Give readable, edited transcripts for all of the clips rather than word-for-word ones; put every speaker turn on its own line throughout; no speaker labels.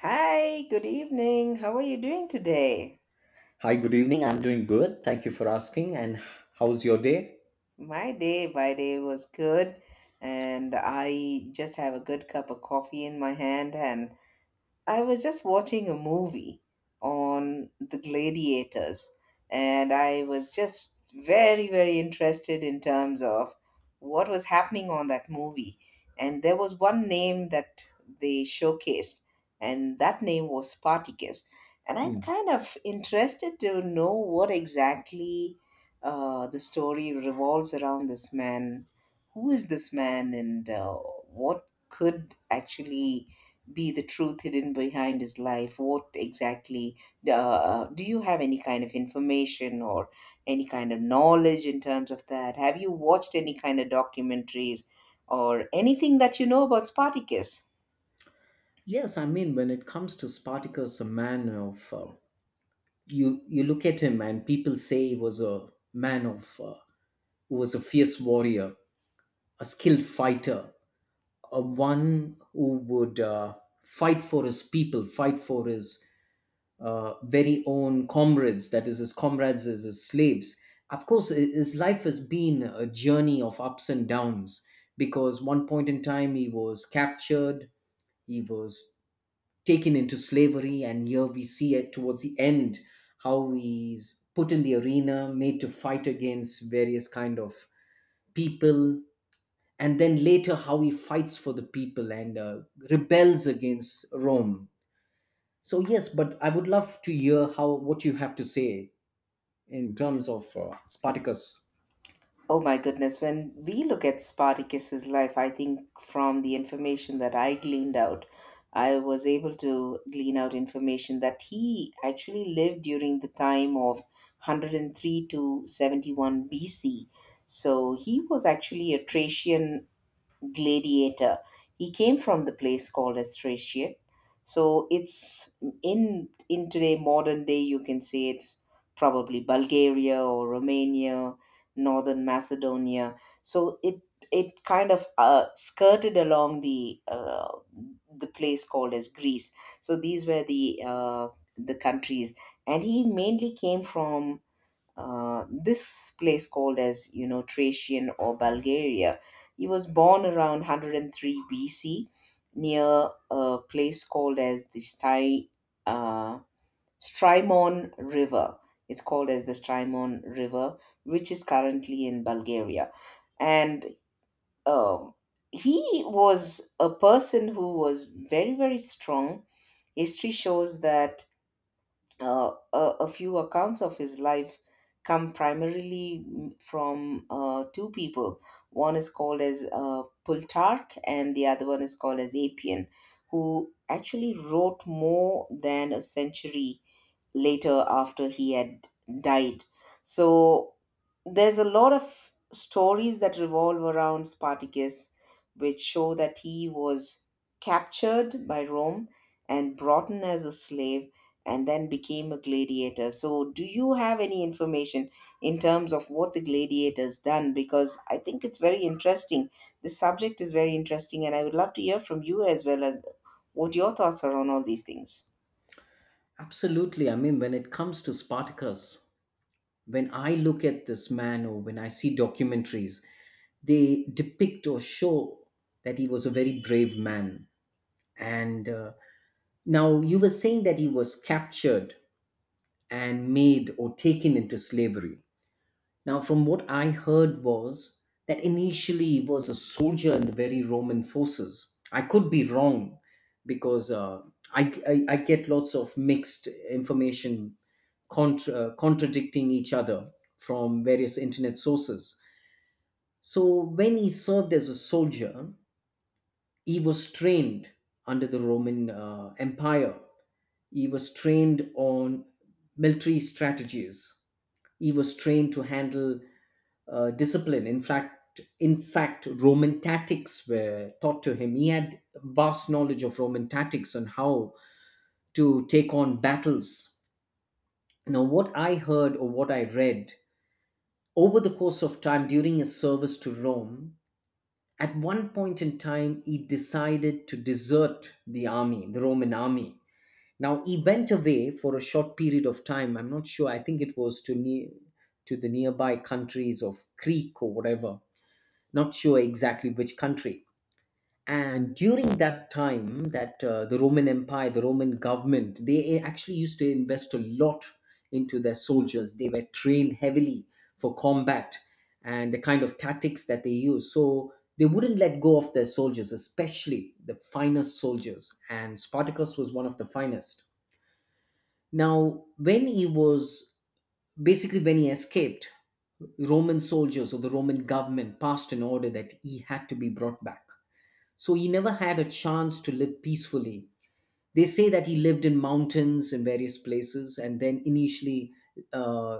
Hi, good evening. How are you doing today?
Hi, good evening. I'm doing good. Thank you for asking. And how's your day?
My day was good, and I just have a good cup of coffee in my hand, and I was just watching a movie on the gladiators, and I was just very, very interested in terms of what was happening on that movie. And there was one name that they showcased, and that name was Spartacus. And I'm
Hmm.
kind of interested to know what exactly the story revolves around this man. Who is this man, and what could actually be the truth hidden behind his life? What exactly do you have any kind of information or any kind of knowledge in terms of that? Have you watched any kind of documentaries or anything that you know about Spartacus?
Yes, I mean, when it comes to Spartacus, a man of you look at him, and people say he was a man of who was a fierce warrior, a skilled fighter, a one who would fight for his people, fight for his very own comrades, that is, his comrades as his slaves. Of course, his life has been a journey of ups and downs because one point in time he was captured, he was taken into slavery, and here we see it towards the end how he's put in the arena, made to fight against various kind of people, and then later how he fights for the people and rebels against Rome. So yes, but I would love to hear how what you have to say in terms of Spartacus.
Oh my goodness, when we look at Spartacus's life, I think from the information that I gleaned out, I was able to glean out information that he actually lived during the time of 103 to 71 BC. So he was actually a Thracian gladiator. He came from the place called as Thracian. So it's in today modern day you can say it's probably Bulgaria or Romania, northern Macedonia. So it kind of skirted along the place called as Greece. So these were the countries, and he mainly came from this place called as Thracian or Bulgaria. He was born around 103 BC near a place called as the uh, Strymon River. It's called as the Strymon River, which is currently in Bulgaria. And um he was a person who was very, very strong. History shows that a few accounts of his life come primarily from two people. One is called as Plutarch, and the other one is called as Apian, who actually wrote more than a century later after he had died. So there's a lot of stories that revolve around Spartacus, which show that he was captured by Rome and brought in as a slave and then became a gladiator. So, do you have any information in terms of what the gladiators done? Because I think it's very interesting. The subject is very interesting, and I would love to hear from you as well as what your thoughts are on all these things.
Absolutely. I mean, when it comes to Spartacus, when I look at this man or when I see documentaries, they depict or show that he was a very brave man. And now you were saying that he was captured and made or taken into slavery. Now, from what I heard was that initially he was a soldier in the very Roman forces. I could be wrong because I get lots of mixed information contradicting each other from various internet sources. So when he served as a soldier, he was trained under the Roman Empire. He was trained on military strategies. He was trained to handle discipline. In fact, Roman tactics were taught to him. He had vast knowledge of Roman tactics on how to take on battles. Now, what I heard or what I read over the course of time during his service to Rome, at one point in time, he decided to desert the army, the Roman army. Now, he went away for a short period of time. I'm not sure. I think it was to the nearby countries of Crete or whatever, not sure exactly which country. And during that time, that the Roman empire, the Roman government, they actually used to invest a lot into their soldiers. They were trained heavily for combat, and the kind of tactics that they used, so they wouldn't let go of their soldiers, especially the finest soldiers, and Spartacus was one of the finest. Now, when he was basically when he escaped, Roman soldiers or the Roman government passed an order that he had to be brought back. So he never had a chance to live peacefully. They say that he lived in mountains in various places, and then initially uh,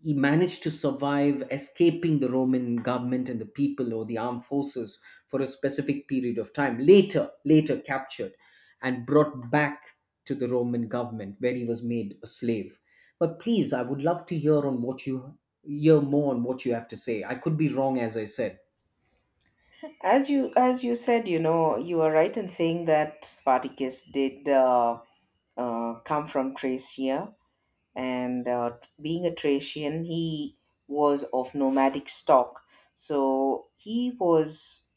he managed to survive, escaping the Roman government and the people or the armed forces for a specific period of time. Later, later captured and brought back to the Roman government where he was made a slave. But please, I would love to hear on what you hear more on what you have to say. I could be wrong, as I said.
As you said, you are right in saying that Spartacus did come from Thracia, and being a Thracian, he was of nomadic stock. So he was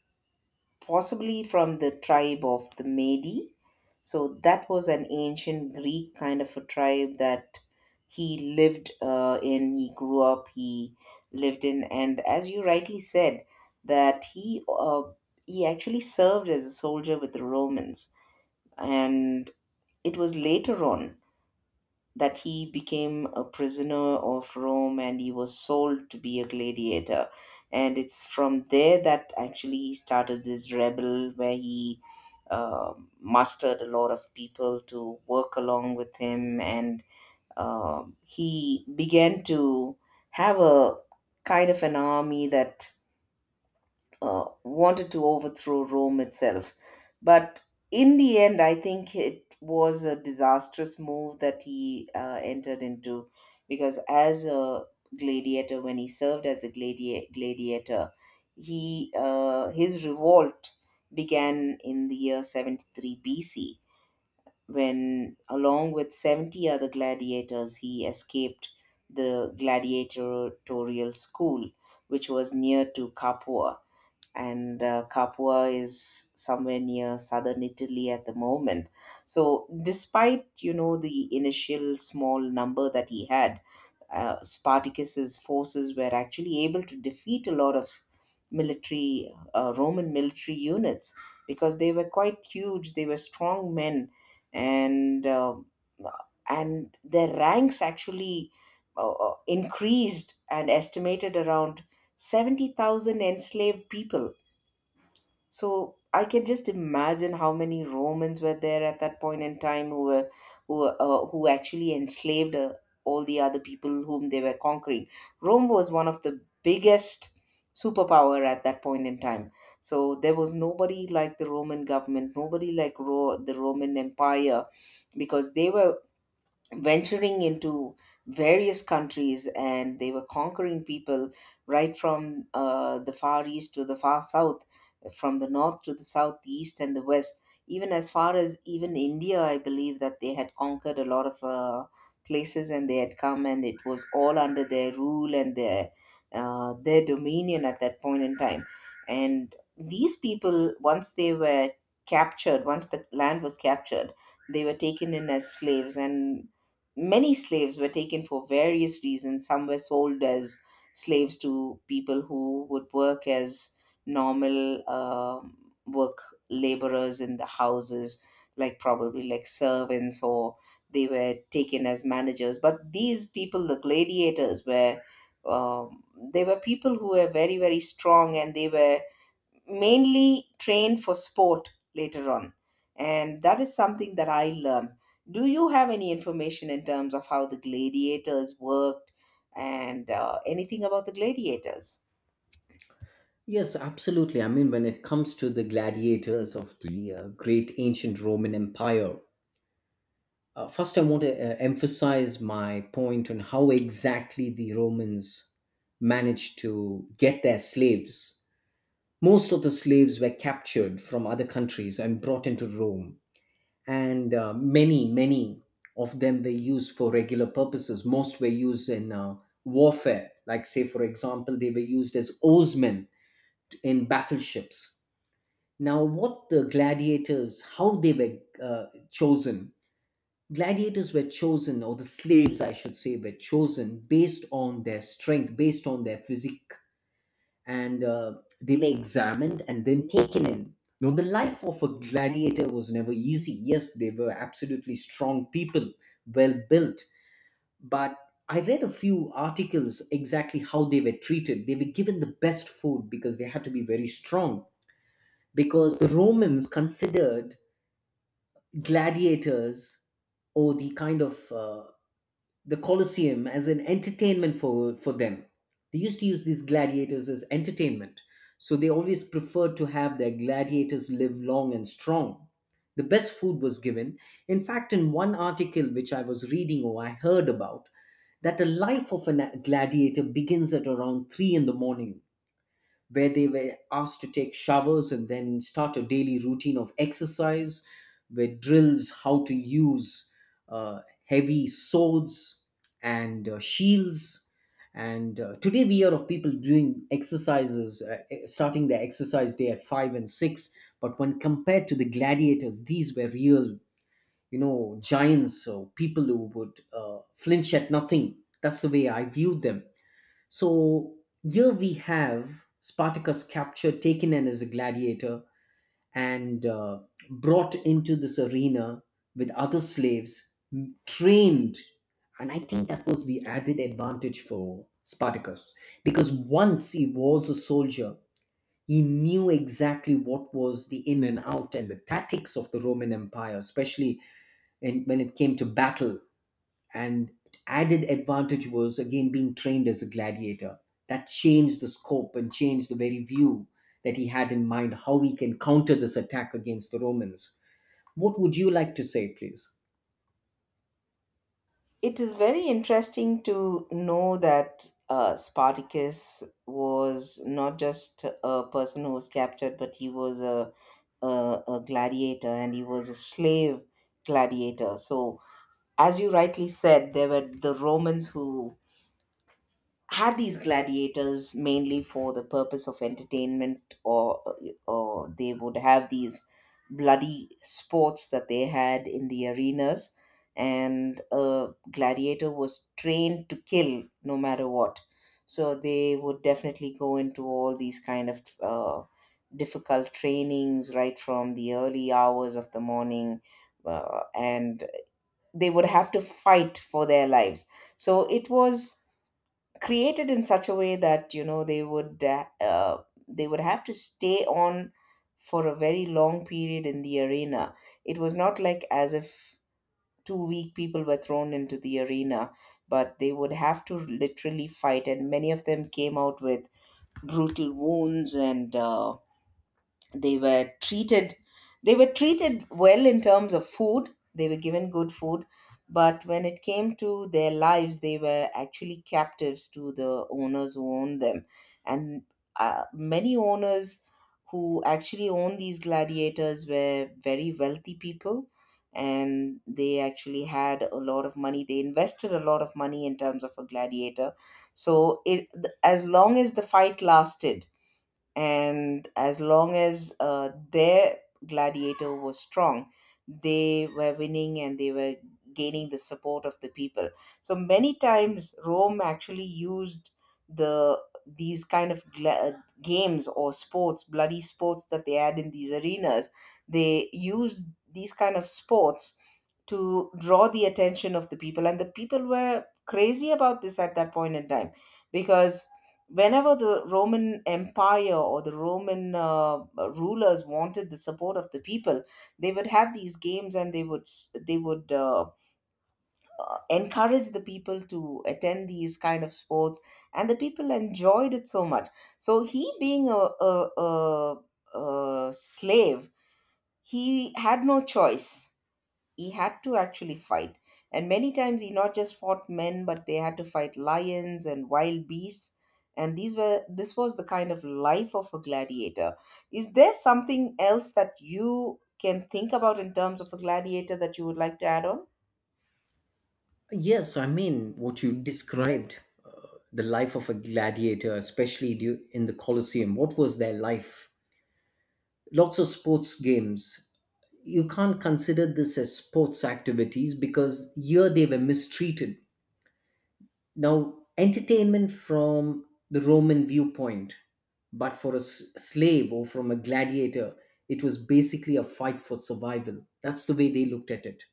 possibly from the tribe of the Medi. So that was an ancient Greek kind of a tribe that he lived in, he grew up, he lived in, and as you rightly said, that he actually served as a soldier with the Romans, and it was later on that he became a prisoner of Rome and he was sold to be a gladiator. And it's from there that actually he started this rebel where he uh, mustered a lot of people to work along with him. And he began to have a kind of an army that wanted to overthrow Rome itself. But in the end, I think it was a disastrous move that he entered into, because as a gladiator, when he served as a gladiator, he his revolt began in the year 73 BC when, along with 70 other gladiators, he escaped the gladiatorial school, which was near to Capua, and Capua is somewhere near southern Italy at the moment. So, despite the initial small number that he had, Spartacus's forces were actually able to defeat a lot of military Roman military units because they were quite huge. They were strong men, and uh, and their ranks actually increased and estimated around 70,000 enslaved people. So I can just imagine how many Romans were there at that point in time who were who actually enslaved all the other people whom they were conquering. Rome was one of the biggest superpower at that point in time. So there was nobody like the Roman government, nobody like the Roman Empire, because they were venturing into various countries and they were conquering people right from the far east to the far south, from the north to the south, the east and the west, even as far as even India. I believe that they had conquered a lot of places, and they had come, and it was all under their rule and their dominion at that point in time. And these people, once they were captured, once the land was captured, they were taken in as slaves. And many slaves were taken for various reasons. Some were sold as slaves to people who would work as normal work laborers in the houses, like probably like servants, or they were taken as managers. But these people, the gladiators, were um, they were people who were very very strong, and they were mainly train for sport later on. And that is something that I learned. Do you have any information in terms of how the gladiators worked and anything about the gladiators?
Yes, absolutely. I mean, when it comes to the gladiators of the great ancient Roman Empire, first I want to emphasize my point on how exactly the Romans managed to get their slaves. Most of the slaves were captured from other countries and brought into Rome, and many, many of them were used for regular purposes. Most were used in warfare, like, say, for example, they were used as oarsmen in battleships. Now, what the gladiators, how they were uh, chosen. Gladiators were chosen, or the slaves, I should say, were chosen based on their strength, based on their physique, and they were examined and then taken in. Now, the life of a gladiator was never easy. Yes, they were absolutely strong people, well built, but I read a few articles exactly how they were treated. They were given the best food because they had to be very strong because the Romans considered gladiators or the kind of the Colosseum as an entertainment for them. They used to use these gladiators as entertainment, so they always preferred to have their gladiators live long and strong. The best food was given. In fact, in one article which I was reading or I heard about, that the life of a gladiator begins at around three in the morning, where they were asked to take showers and then start a daily routine of exercise, where drills how to use heavy swords and shields. And today we hear of people doing exercises, starting their exercise day at five and six. But when compared to the gladiators, these were real, you know, giants or people who would flinch at nothing. That's the way I viewed them. So here we have Spartacus captured, taken in as a gladiator, and brought into this arena with other slaves, trained. And I think that was the added advantage for Spartacus because once he was a soldier, he knew exactly what was the in and out and the tactics of the Roman Empire, especially in, when it came to battle, and added advantage was again being trained as a gladiator. That changed the scope and changed the very view that he had in mind how we can counter this attack against the Romans. What would you like to say, please?
It is very interesting to know that Spartacus was not just a person who was captured, but he was a gladiator and he was a slave gladiator. So, as you rightly said, there were the Romans who had these gladiators mainly for the purpose of entertainment, or they would have these bloody sports that they had in the arenas. And a gladiator was trained to kill no matter what, so they would definitely go into all these kind of difficult trainings right from the early hours of the morning, and they would have to fight for their lives. So it was created in such a way that they would have to stay on for a very long period in the arena. It was not like as if two weak people were thrown into the arena, but they would have to literally fight, and many of them came out with brutal wounds. And they were treated they were treated well in terms of food. They were given good food, but when it came to their lives, they were actually captives to the owners who owned them. And many owners who actually owned these gladiators were very wealthy people, and they actually had a lot of money. They invested a lot of money in terms of a gladiator. So, it as long as the fight lasted, and as long as their gladiator was strong, they were winning, and they were gaining the support of the people. So many times Rome actually used the these kind of games or sports, bloody sports that they had in these arenas. They used these kind of sports to draw the attention of the people, and the people were crazy about this at that point in time. Because whenever the Roman Empire or the Roman rulers wanted the support of the people, they would have these games, and they would encourage the people to attend these kind of sports, and the people enjoyed it so much. So he being a slave, he had no choice. He had to actually fight, and many times he not just fought men, but they had to fight lions and wild beasts. And these were this was the kind of life of a gladiator. Is there something else that you can think about in terms of a gladiator that you would like to add on?
Yes, I mean, what you described, uh, the life of a gladiator, especially in the Colosseum, what was their life, lots of sports games. You can't consider this as sports activities because here they were mistreated. Now, entertainment from the Roman viewpoint, but for a slave or from a gladiator, it was basically a fight for survival. That's the way they looked at it.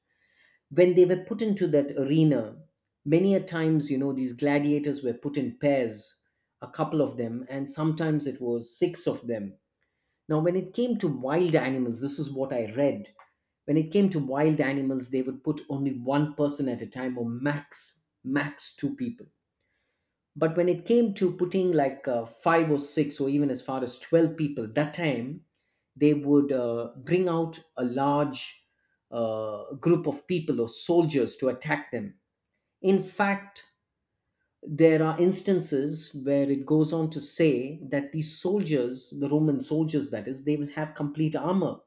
When they were put into that arena, many a times, you know, these gladiators were put in pairs, a couple of them, and sometimes it was six of them. Now, when it came to wild animals, this is what I read. When it came to wild animals, they would put only one person at a time or max, max two people, but when it came to putting like five or six or even as far as 12 people that time, they would bring out a large group of people or soldiers to attack them. In fact, there are instances where it goes on to say that these soldiers, the Roman soldiers, that is, they will have complete armor,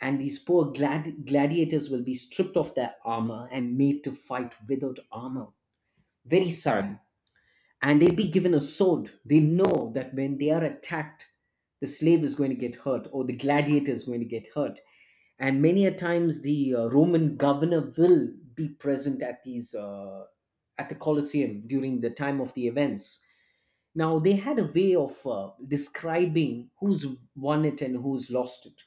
and these poor gladiators will be stripped of their armor and made to fight without armor. Very Right. sad and they'll be given a sword. They know that when they are attacked, the slave is going to get hurt or the gladiator is going to get hurt. And many a times the Roman governor will be present at these at the Colosseum during the time of the events. Now they had a way of describing who's won it and who's lost it.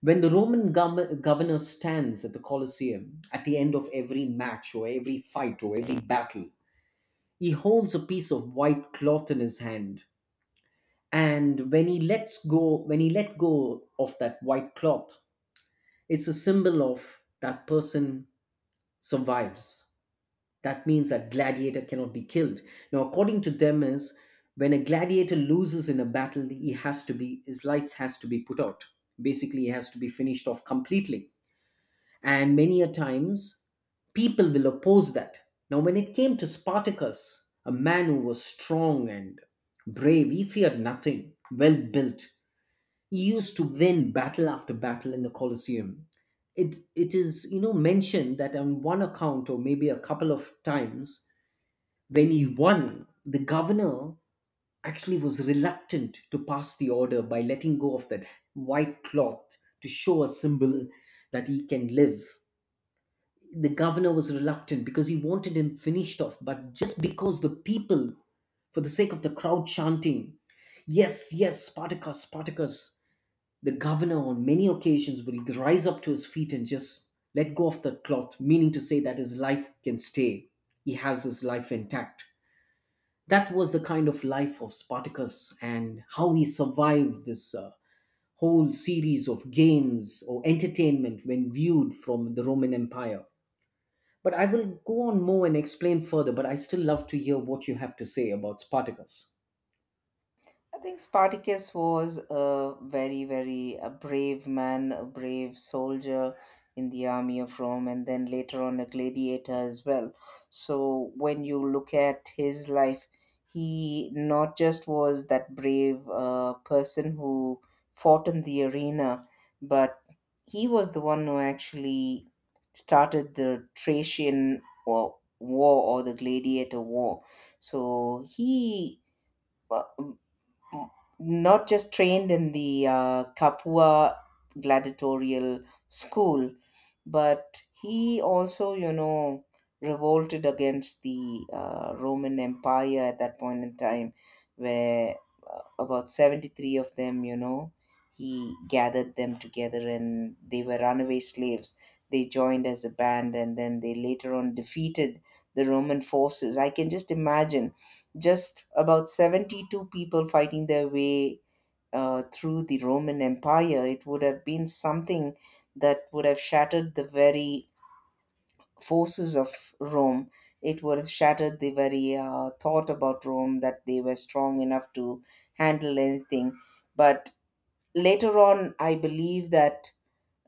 When the Roman governor stands at the Colosseum at the end of every match or every fight or every battle, he holds a piece of white cloth in his hand, and when he lets go, when he let go of that white cloth, it's a symbol of that person survives. That means that gladiator cannot be killed. Now, according to them, is when a gladiator loses in a battle, he has to be his lights has to be put out. Basically, he has to be finished off completely, and many a times people will oppose that. Now, when it came to Spartacus, a man who was strong and brave, he feared nothing, well built. He used to win battle after battle in the Colosseum. It is, you know, mentioned that on one account or maybe a couple of times when he won, the governor actually was reluctant to pass the order by letting go of that white cloth to show a symbol that he can live. The governor was reluctant because he wanted him finished off, but just because the people, for the sake of the crowd chanting, yes, yes, Spartacus, Spartacus, the governor on many occasions will rise up to his feet and just let go of the cloth, meaning to say that his life can stay. He has his life intact. That was the kind of life of Spartacus and how he survived this whole series of games or entertainment when viewed from the Roman Empire, but I will go on more and explain further, but I still love to hear what you have to say about Spartacus.
I think Spartacus was a very, very a brave man, a brave soldier in the army of Rome, and then later on a gladiator as well. So when you look at his life, he not just was that brave person who fought in the arena, but he was the one who actually started the Thracian war, or the gladiator war. So he not just trained in the Kapua gladiatorial school, but he also revolted against the Roman Empire at that point in time, where about 73 of them, he gathered them together, and they were runaway slaves. They joined as a band, and then they later on defeated the Roman forces. I can just imagine just about 72 people fighting their way through the Roman Empire. It would have been something that would have shattered the very forces of Rome. It would have shattered the very thought about Rome that they were strong enough to handle anything. But later on, I believe that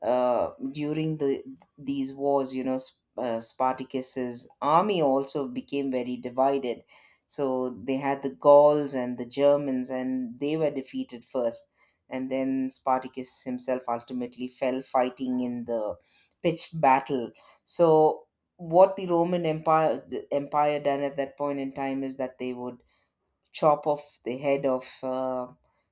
during these wars, Spartacus's army also became very divided. So they had the Gauls and the Germans, and they were defeated first. And then Spartacus himself ultimately fell fighting in the pitched battle. So what the Roman Empire the Empire done at that point in time is that they would chop off the head of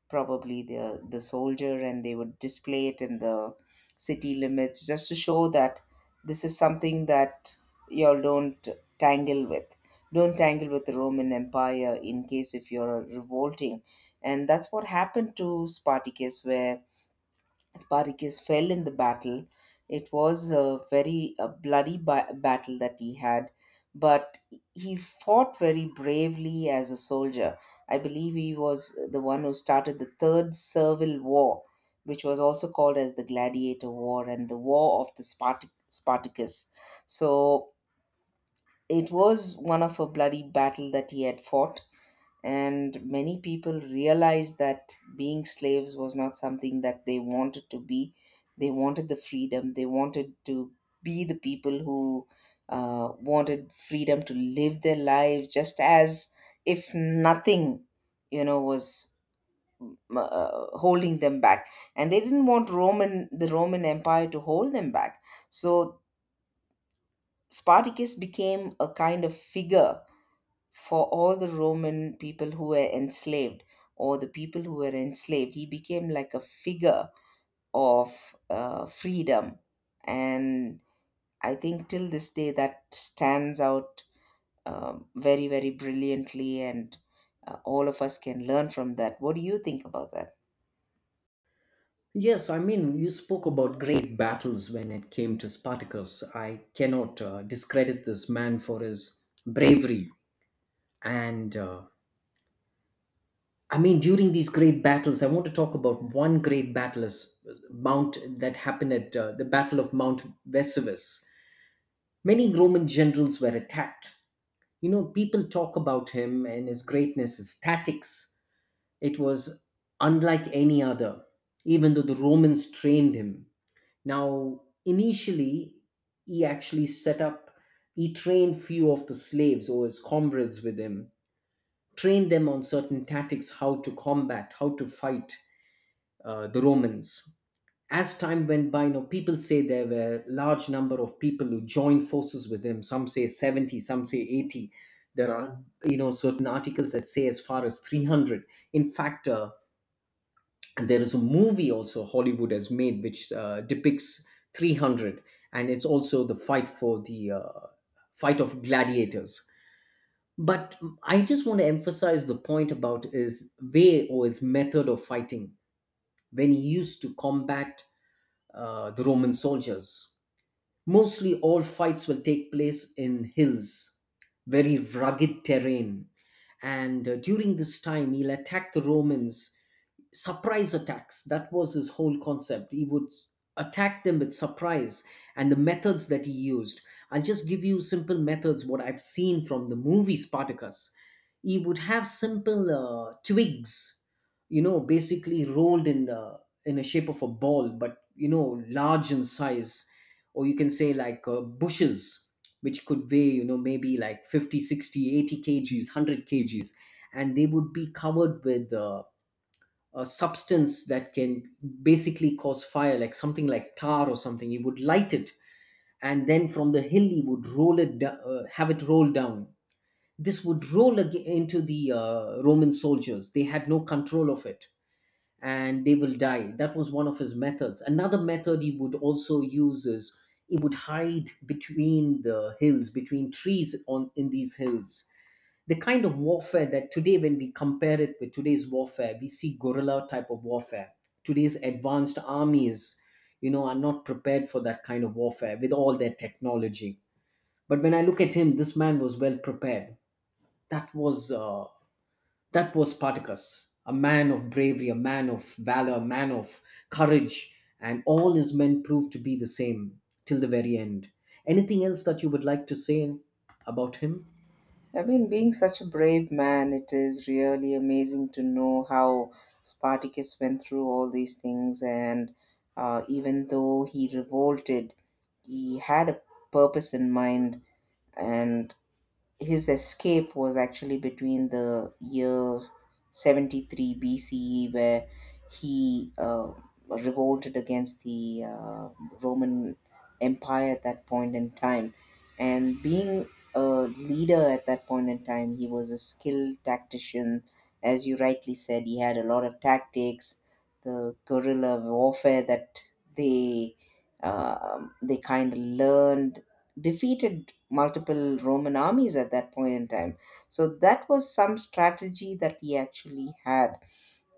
probably the soldier, and they would display it in the city limits just to show that this is something that y'all don't tangle with. Don't tangle with the Roman Empire in case if you're revolting. And that's what happened to Spartacus, where Spartacus fell in the battle. It was a very battle that he had, but he fought very bravely as a soldier. I believe he was the one who started the Third Servile War, which was also called as the Gladiator War and the War of the Spartacus. So it was one of a bloody battle that he had fought, and many people realized that being slaves was not something that they wanted to be. They wanted the freedom, they wanted to be the people who wanted freedom to live their lives just as if nothing, you know, was holding them back, and they didn't want roman the Roman Empire to hold them back. So Spartacus became a kind of figure for all the Roman people who were enslaved, or the people who were enslaved. He became like a figure of freedom. And I think till this day that stands out very, very brilliantly, and all of us can learn from that. What do you think about that?
Yes, I mean, you spoke about great battles when it came to Spartacus. I cannot discredit this man for his bravery. And I mean, during these great battles, I want to talk about one great battle is Mount that happened at the Battle of Mount Vesuvius. Many Roman generals were attacked. People talk about him and his greatness, his tactics. It was unlike any other, even though the Romans trained him. Now, initially, he actually set up, he trained few of the slaves or his comrades with him, trained them on certain tactics, how to combat, how to fight the Romans. As time went by, people say there were large number of people who joined forces with him. Some say 70, some say 80. There are, certain articles that say as far as 300. In fact, and there is a movie also Hollywood has made which depicts 300, and it's also the fight for the fight of gladiators. But I just want to emphasize the point about his way or his method of fighting when he used to combat the Roman soldiers. Mostly all fights will take place in hills, very rugged terrain. And during this time, he'll attack the Romans surprise attacks. That was his whole concept. He would attack them with surprise and the methods that he used. I'll just give you simple methods, what I've seen from the movie Spartacus. He would have simple twigs, basically rolled in a shape of a ball, but, large in size. Or you can say like bushes, which could weigh, maybe like 50, 60, 80 60, kgs, 100 kgs. And they would be covered with a substance that can basically cause fire, like something like tar or something. He would light it, and then from the hill he would roll it, have it roll down. This would roll into the Roman soldiers. They had no control of it, and they will die. That was one of his methods. Another method he would also use is he would hide between the hills, between trees on in these hills, the kind of warfare that today, when we compare it with today's warfare, we see guerrilla type of warfare. Today's advanced armies, are not prepared for that kind of warfare with all their technology. But when I look at him, this man was well prepared. That was uh, that was Spartacus, a man of bravery, a man of valor, a man of courage. And all his men proved to be the same till the very end. Anything else that you would like to say about him?
I mean, being such a brave man, it is really amazing to know how Spartacus went through all these things. And even though he revolted, he had a purpose in mind. And his escape was actually between the year 73 BCE, where he revolted against the Roman Empire at that point in time. And being a leader at that point in time, he was a skilled tactician. As you rightly said, he had a lot of tactics, the guerrilla warfare that they they kind of learned defeated multiple Roman armies at that point in time. So that was some strategy that he actually had.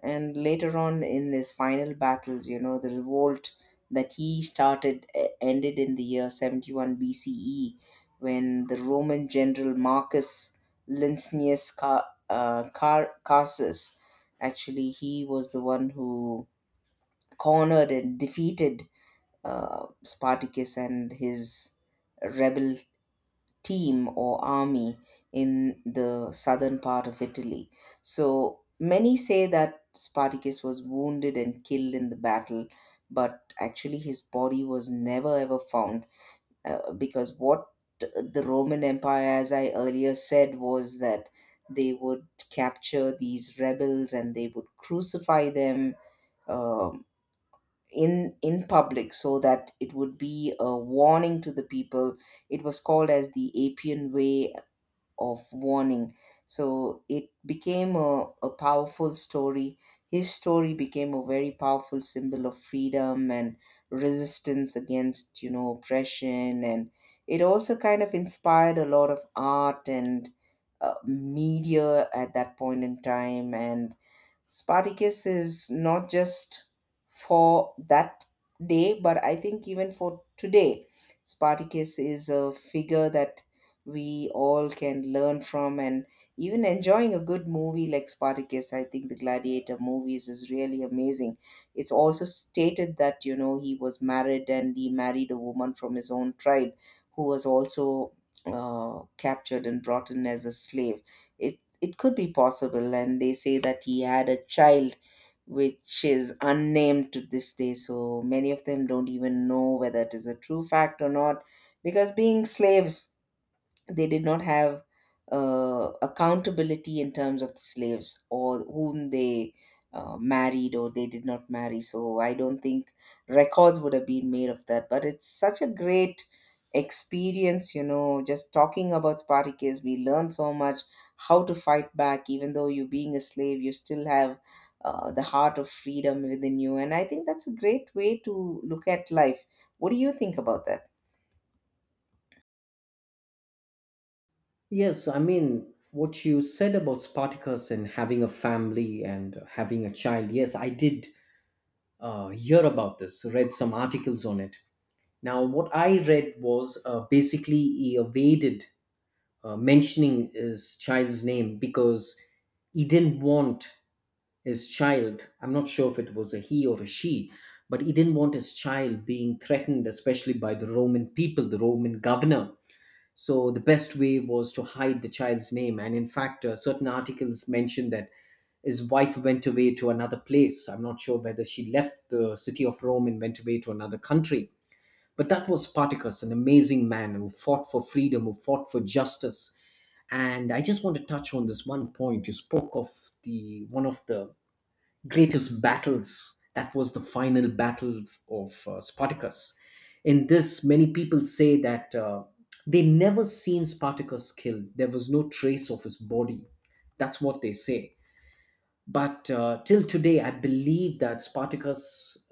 And later on, in his final battles, you know, the revolt that he started ended in the year 71 BCE, when the Roman general Marcus Lincinius Carsus actually, he was the one who cornered and defeated Spartacus and his rebel team or army in the southern part of Italy. So many say that Spartacus was wounded and killed in the battle, but actually his body was never ever found, because what the Roman Empire, as I earlier said, was that they would capture these rebels and they would crucify them, um, in public, so that it would be a warning to the people. It was called as the Appian Way of warning. So it became a powerful story. His story became a very powerful symbol of freedom and resistance against, you know, oppression. And it also kind of inspired a lot of art and media at that point in time. And Spartacus is not just for that day, but I think even for today, Spartacus is a figure that we all can learn from, and even enjoying a good movie like Spartacus, I think the Gladiator movies is really amazing. It's also stated that, you know, he was married, and he married a woman from his own tribe who was also captured and brought in as a slave. It it could be possible, and they say that he had a child which is unnamed to this day, so many of them don't even know whether it is a true fact or not, because being slaves, they did not have accountability in terms of the slaves or whom they married or they did not marry. So I don't think records would have been made of that. But it's such a great experience, you know, just talking about Spartacus. We learn so much how to fight back, even though you being a slave, you still have. The heart of freedom within you, and I think that's a great way to look at life. What do you think about that?
Yes, I mean, what you said about Spartacus and having a family and having a child. Yes, I did hear about this, read some articles on it. Now, what I read was basically he evaded mentioning his child's name because he didn't want his child, I'm not sure if it was a he or a she, but he didn't want his child being threatened, especially by the Roman people, the Roman governor, so the best way was to hide the child's name. And in fact, certain articles mentioned that his wife went away to another place. I'm not sure whether she left the city of Rome and went away to another country. But that was Spartacus, an amazing man who fought for freedom, who fought for justice. And I just want to touch on this one point. You spoke of the one of the greatest battles. That was the final battle of Spartacus. In this, many people say that they never seen Spartacus killed. There was no trace of his body. That's what they say. But till today, I believe that Spartacus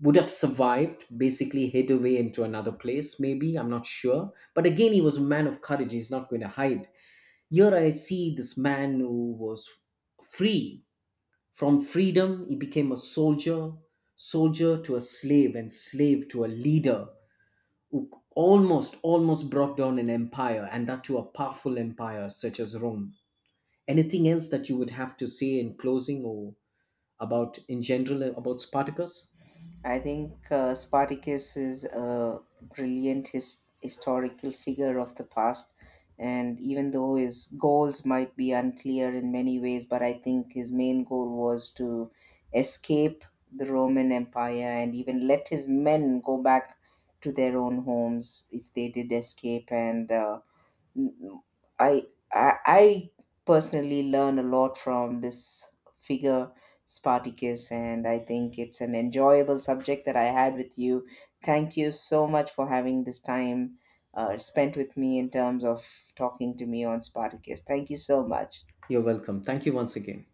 would have survived, basically hid away into another place, maybe, I'm not sure. But again, he was a man of courage, he's not going to hide. Here I see this man who was free, from freedom, he became a soldier, soldier to a slave, and slave to a leader who almost, almost brought down an empire, and that to a powerful empire such as Rome. Anything else that you would have to say in closing or about, in general, about Spartacus?
I think Spartacus is a brilliant historical figure of the past, and even though his goals might be unclear in many ways, but I think his main goal was to escape the Roman Empire and even let his men go back to their own homes if they did escape. And Mm, I, I personally learn a lot from this figure Spartacus, and I think it's an enjoyable subject that I had with you. Thank you so much for having this time spent with me in terms of talking to me on Spartacus. Thank you so much.
You're welcome. Thank you once again.